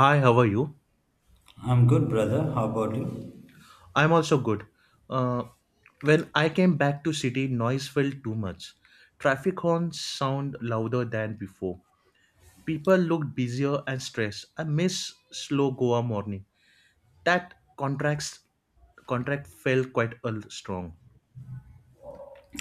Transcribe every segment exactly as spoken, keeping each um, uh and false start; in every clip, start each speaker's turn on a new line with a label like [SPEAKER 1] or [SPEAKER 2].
[SPEAKER 1] Hi, how are you?
[SPEAKER 2] I'm good, brother. How about you?
[SPEAKER 1] I'm also good. Uh, when I came back to city, noise felt too much. Traffic horns sound louder than before. People looked busier and stressed. I miss slow Goa morning. That contracts contract felt quite a l- strong.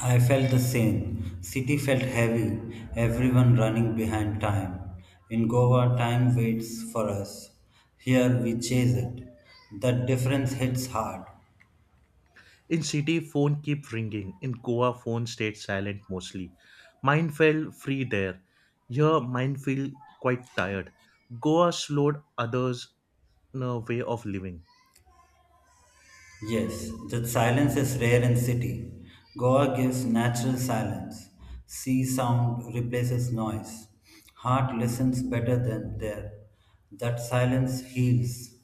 [SPEAKER 2] I felt the same. City felt heavy, everyone running behind time. In Goa, time waits for us. Here, we chase it. That difference hits hard.
[SPEAKER 1] In city, phone keep ringing. In Goa, phone stayed silent mostly. Mind felt free there. Here, mind feel quite tired. Goa slowed others' uh, way of living.
[SPEAKER 2] Yes, that silence is rare in city. Goa gives natural silence. Sea sound replaces noise. Heart listens better than there. That silence heals.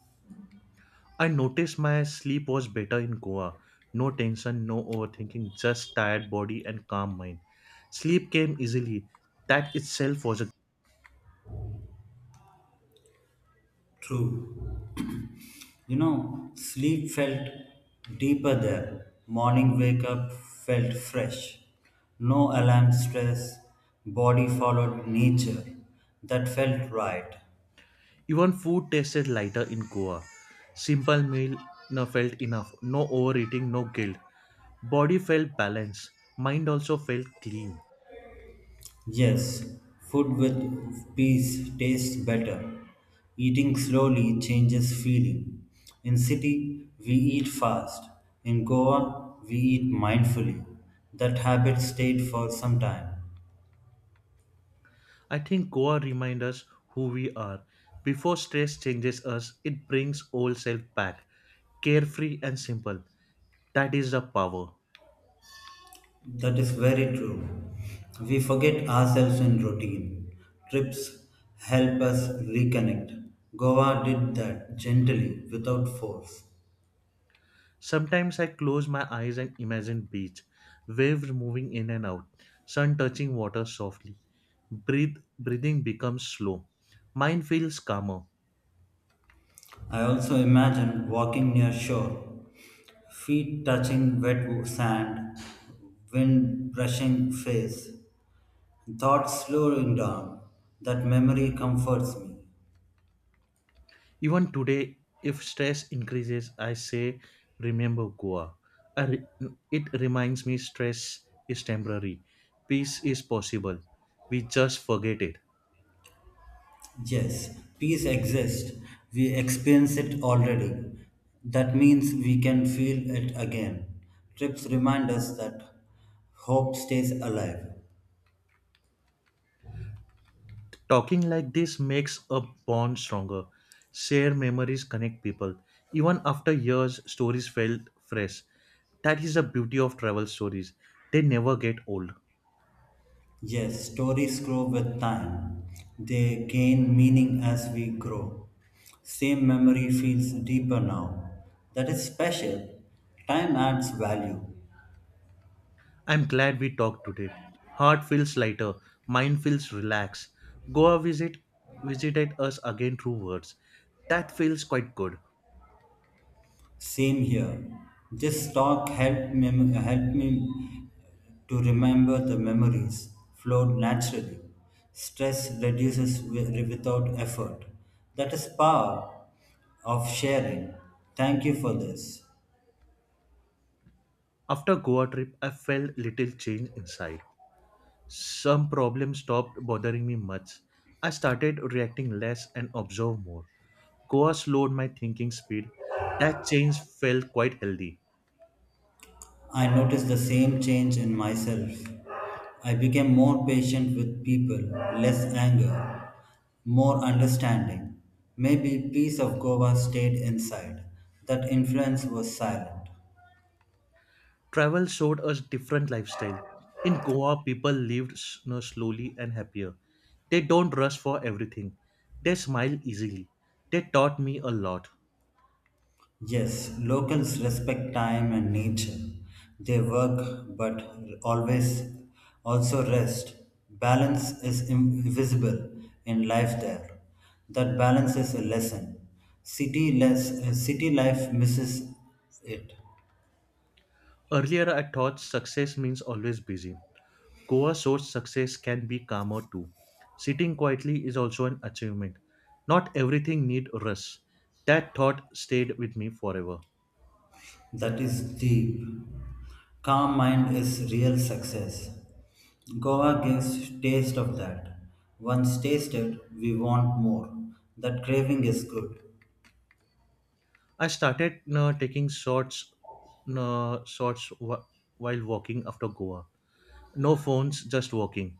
[SPEAKER 1] I noticed my sleep was better in Goa. No tension, no overthinking, just tired body and calm mind. Sleep came easily. That itself was a
[SPEAKER 2] True. You know, sleep felt deeper there. Morning wake up felt fresh. No alarm stress. Body followed nature. That felt right.
[SPEAKER 1] even food tasted lighter in Goa. Simple meal no, felt enough. No overeating, no guilt. Body felt balanced. Mind also felt clean.
[SPEAKER 2] Yes, food with peace tastes better. Eating slowly changes feeling. In city, we eat fast. In Goa, we eat mindfully. That habit stayed for some time.
[SPEAKER 1] I think Goa reminds us who we are. Before stress changes us, it brings old self back. Carefree and simple. That is the power.
[SPEAKER 2] That is very true. We forget ourselves in routine. Trips help us reconnect. Goa did that gently, without force.
[SPEAKER 1] Sometimes I close my eyes and imagine beach, waves moving in and out, sun touching water softly. Breathe, breathing becomes slow. Mind feels calmer.
[SPEAKER 2] I also imagine walking near shore, feet touching wet sand, wind brushing face, thoughts slowing down. That memory comforts me.
[SPEAKER 1] Even today, if stress increases, I say, remember Goa. I re- it reminds me stress is temporary. Peace is possible. We just forget it.
[SPEAKER 2] Yes, peace exists. We experience it already. That means we can feel it again. Trips remind us that hope stays alive.
[SPEAKER 1] Talking like this makes a bond stronger. Share memories connect people. Even after years, stories felt fresh. That is the beauty of travel stories. They never get old.
[SPEAKER 2] Yes, stories grow with time. They gain meaning as we grow. Same memory feels deeper now. That is special. Time adds value.
[SPEAKER 1] I'm glad we talked today. Heart feels lighter, mind feels relaxed. Goa visit visited us again through words. That feels quite good.
[SPEAKER 2] Same here. This talk helped, mem- helped me to remember the memories flowed naturally. Stress reduces wi- without effort. That is power of sharing. Thank you for this.
[SPEAKER 1] After Goa trip, I felt little change inside. Some problems stopped bothering me much. I started reacting less and observe more. Goa slowed my thinking speed. That change felt quite healthy.
[SPEAKER 2] I noticed the same change in myself. I became more patient with people, less anger, more understanding. Maybe piece of Goa stayed inside. That influence was silent.
[SPEAKER 1] Travel showed us different lifestyle. In Goa, people lived s- you know, slowly and happier. They don't rush for everything. They smile easily. They taught me a lot.
[SPEAKER 2] Yes, locals respect time and nature. They work but always also rest. Balance is invisible in life there. That balance is a lesson. City less uh, city life misses it.
[SPEAKER 1] Earlier, I thought success means always busy. Goa shows success can be calmer too. Sitting quietly is also an achievement. Not everything need rush. That thought stayed with me forever.
[SPEAKER 2] That is deep. Calm mind is real success. Goa gives taste of that. Once tasted, we want more. That craving is good.
[SPEAKER 1] I started uh, taking shots, uh, shots wh- while walking after Goa. No phones, just walking,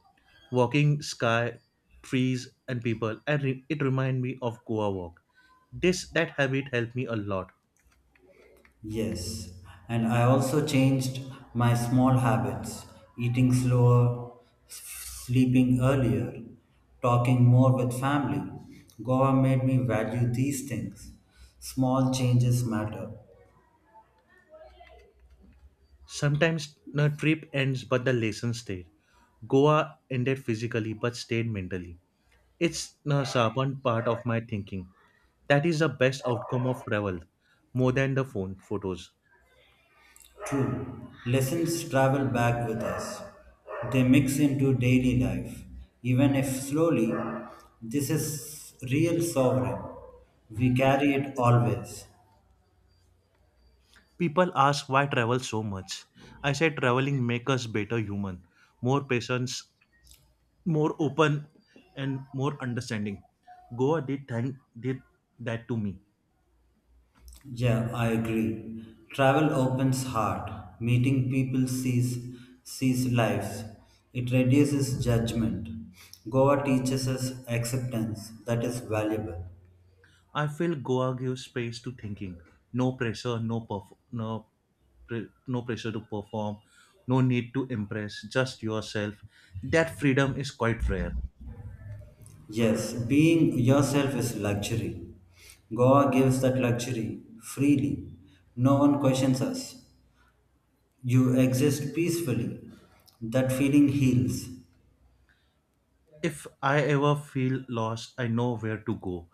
[SPEAKER 1] walking, sky, trees, and people, and re- it reminded me of Goa walk. This that habit helped me a lot.
[SPEAKER 2] Yes, and I also changed my small habits, eating slower, s- sleeping earlier, talking more with family. Goa made me value these things. Small changes matter.
[SPEAKER 1] Sometimes the trip ends, but the lesson stayed. Goa ended physically, but stayed mentally. It's a sharpened part of my thinking. That is the best outcome of travel, more than the phone photos.
[SPEAKER 2] True, lessons travel back with us. They mix into daily life, even if slowly. This is real sovereign. We carry it always.
[SPEAKER 1] People ask why travel so much. I say traveling makes us better human, more patience, more open, and more understanding. Goa did thank did that to me.
[SPEAKER 2] Yeah, I agree. Travel opens heart. Meeting people sees sees lives. It reduces judgment. Goa teaches us acceptance that is valuable.
[SPEAKER 1] I feel Goa gives space to thinking. No pressure, no perf- no pre- no pressure to perform, no need to impress, just yourself. That freedom is quite rare.
[SPEAKER 2] Yes, being yourself is luxury. Goa gives that luxury freely. No one questions us. You exist peacefully. That feeling heals.
[SPEAKER 1] If I ever feel lost, I know where to go.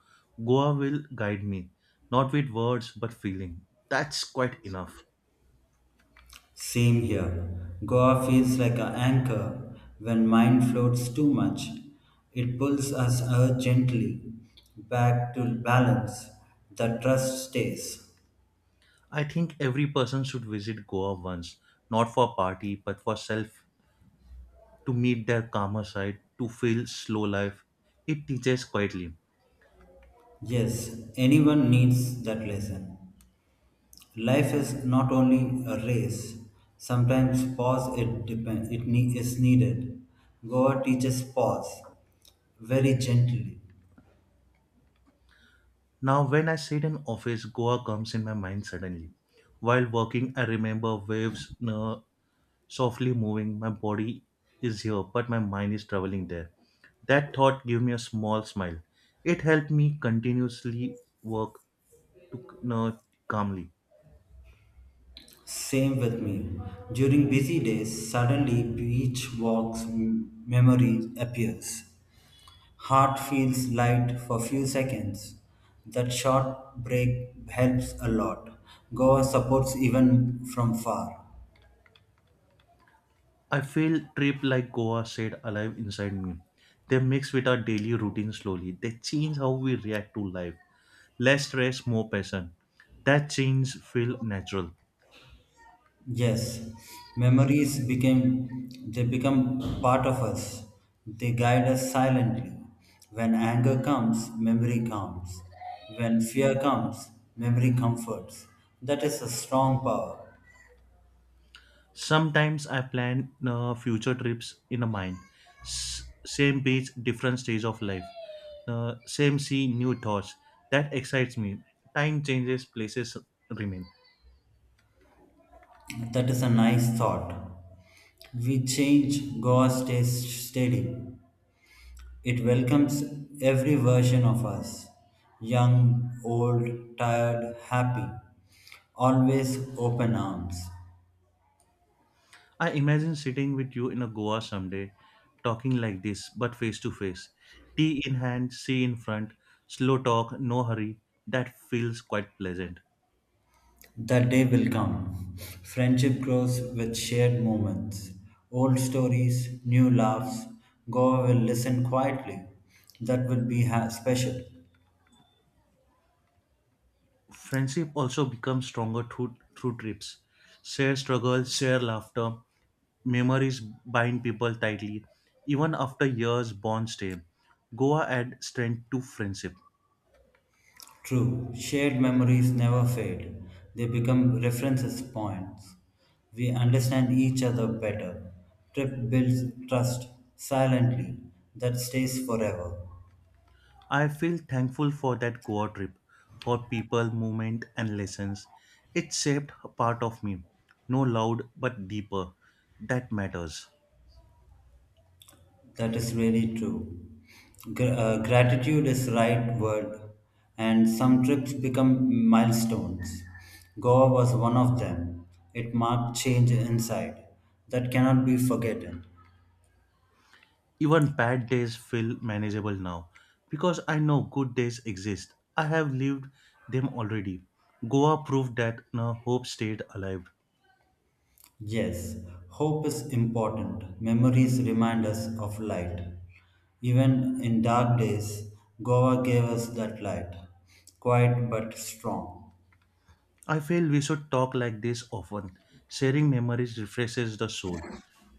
[SPEAKER 1] Goa will guide me, not with words but feeling. That's quite enough.
[SPEAKER 2] Same here. Goa feels like an anchor. When mind floats too much, it pulls us uh, gently back to balance. The trust stays.
[SPEAKER 1] I think every person should visit Goa once, not for party but for self, to meet their calmer side, to feel slow life. It teaches quietly.
[SPEAKER 2] Yes, anyone needs that lesson. Life is not only a race. Sometimes pause it depend, it ne- is needed. Goa teaches pause very gently.
[SPEAKER 1] Now, when I sit in office, Goa comes in my mind suddenly. While working, I remember waves, uh, softly moving. My body is here, but my mind is traveling there. That thought gave me a small smile. It helped me continuously work to c- no, calmly.
[SPEAKER 2] Same with me. During busy days, suddenly beach walks m- memory appears. Heart feels light for few seconds. That short break helps a lot. Goa supports even from far.
[SPEAKER 1] I feel trip like Goa said alive inside me. They mix with our daily routine slowly. They change how we react to life. Less stress, more passion. That change feel natural.
[SPEAKER 2] Yes, memories became they become part of us. They guide us silently. When anger comes, memory comes. When fear comes, memory comforts. That is a strong power.
[SPEAKER 1] Sometimes I plan uh, future trips in a mind. S- same beach, different stage of life. Uh, same sea, new thoughts. That excites me. Time changes, places remain.
[SPEAKER 2] That is a nice thought. We change, Goa stays steady. It welcomes every version of us young, old, tired, happy, always open arms.
[SPEAKER 1] I imagine sitting with you in a Goa someday, talking like this, but face to face. Tea in hand, sea in front, slow talk, no hurry. That feels quite pleasant.
[SPEAKER 2] The day will come. Friendship grows with shared moments. Old stories, new laughs. Goa will listen quietly. That will be ha- special.
[SPEAKER 1] Friendship also becomes stronger through, through trips. Share struggles, share laughter, memories bind people tightly. Even after years, bonds stay. Goa adds strength to friendship.
[SPEAKER 2] True, shared memories never fade. They become references points. We understand each other better. Trip builds trust silently that stays forever.
[SPEAKER 1] I feel thankful for that Goa trip, for people, movement, and lessons. It shaped a part of me, no loud but deeper. That matters.
[SPEAKER 2] That is really true. Gr- uh, gratitude is right word, and some trips become milestones. Goa was one of them. It marked change inside that cannot be forgotten.
[SPEAKER 1] Even bad days feel manageable now because I know good days exist. I have lived them already. Goa proved that no hope stayed alive.
[SPEAKER 2] Yes, hope is important. Memories remind us of light. Even in dark days, Goa gave us that light, quiet but strong.
[SPEAKER 1] I feel we should talk like this often. Sharing memories refreshes the soul.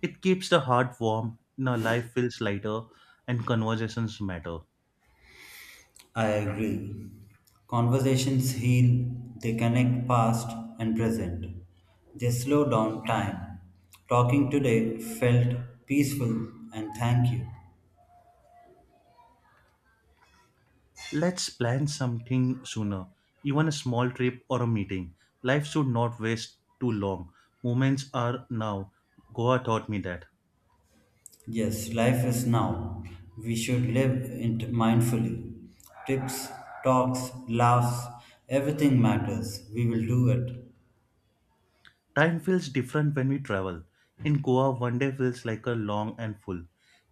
[SPEAKER 1] It keeps the heart warm, now life feels lighter, and conversations matter.
[SPEAKER 2] I agree. Conversations heal, they connect past and present. They slow down time. Talking today felt peaceful and thank you.
[SPEAKER 1] Let's plan something sooner, even a small trip or a meeting. Life should not waste too long. Moments are now. Goa taught me that.
[SPEAKER 2] Yes, life is now. We should live it mindfully. Tips, talks, laughs, everything matters. We will do it.
[SPEAKER 1] Time feels different when we travel. In Goa, one day feels like a long and full.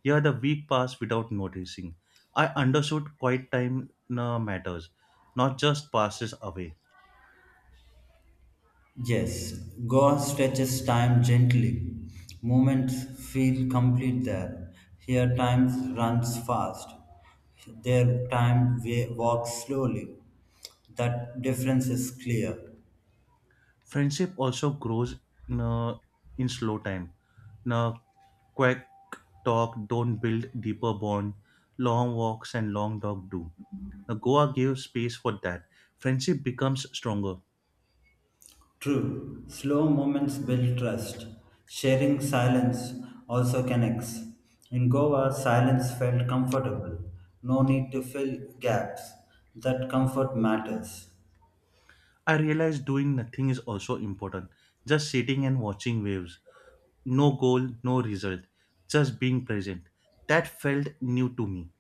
[SPEAKER 1] Here, the week passed without noticing. I understood quiet time uh, matters, not just passes away.
[SPEAKER 2] Yes, Goa stretches time gently. Moments feel complete there. Here, time runs fast. There, time wa- walks slowly. That difference is clear.
[SPEAKER 1] Friendship also grows uh, in slow time. Uh, Quick talk don't build deeper bond. Long walks and long talk do. Uh, Goa gives space for that. Friendship becomes stronger.
[SPEAKER 2] True, slow moments build trust. Sharing silence also connects. In Goa, silence felt comfortable. No need to fill gaps. That comfort matters.
[SPEAKER 1] I realized doing nothing is also important. Just sitting and watching waves. No goal, no result. Just being present. That felt new to me.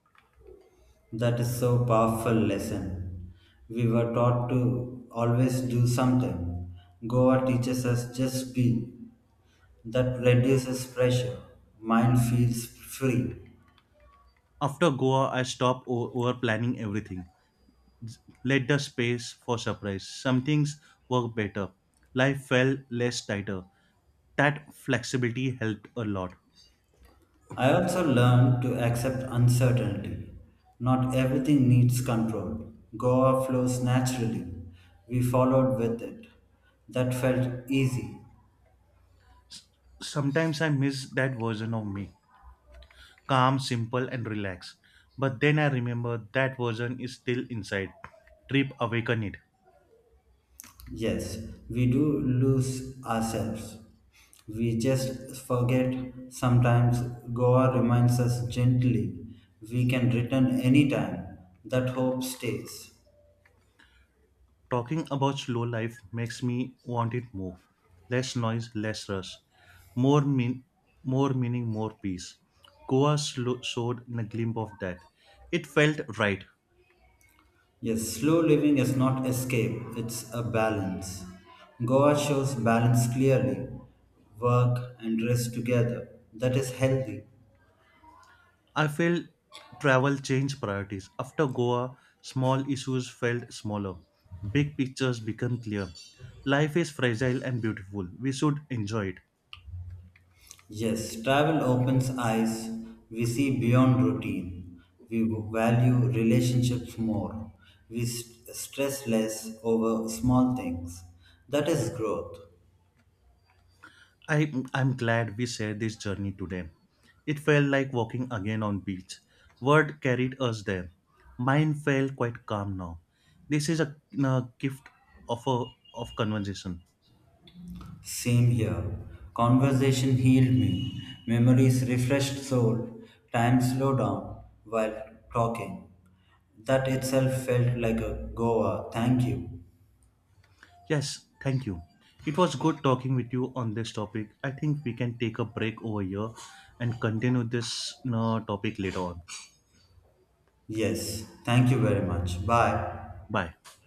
[SPEAKER 2] That is so powerful lesson. We were taught to always do something. Goa teaches us just be. That reduces pressure. Mind feels free.
[SPEAKER 1] After Goa, I stopped o- over planning everything. Let the space for surprise. Some things work better. Life felt less tighter. That flexibility helped a lot.
[SPEAKER 2] I also learned to accept uncertainty. Not everything needs control. Goa flows naturally. We followed with it. That felt easy.
[SPEAKER 1] Sometimes I miss that version of me. Calm, simple, and relaxed. But then I remember that version is still inside. Trip awaken it.
[SPEAKER 2] Yes, we do lose ourselves. We just forget sometimes. Goa reminds us gently we can return anytime. That hope stays.
[SPEAKER 1] Talking about slow life makes me want it more. Less noise, less rush. More mean, more meaning, more peace. Goa slo- showed in a glimpse of that. It felt right.
[SPEAKER 2] Yes, slow living is not escape, it's a balance. Goa shows balance clearly. Work and rest together. That is healthy.
[SPEAKER 1] I felt travel changed priorities. After Goa, small issues felt smaller. Big pictures become clear. Life is fragile and beautiful. We should enjoy it.
[SPEAKER 2] Yes, travel opens eyes. We see beyond routine. We value relationships more. We st- stress less over small things. That is growth.
[SPEAKER 1] I, I'm glad we shared this journey today. It felt like walking again on beach. Word carried us there. Mine felt quite calm now. This is a, a gift of a of conversation.
[SPEAKER 2] Same here. Conversation healed me. Memories refreshed soul. Time slowed down while talking. That itself felt like a Goa. Thank you.
[SPEAKER 1] Yes, thank you. It was good talking with you on this topic. I think we can take a break over here and continue this you topic later on.
[SPEAKER 2] Yes, thank you very much. Bye.
[SPEAKER 1] Bye.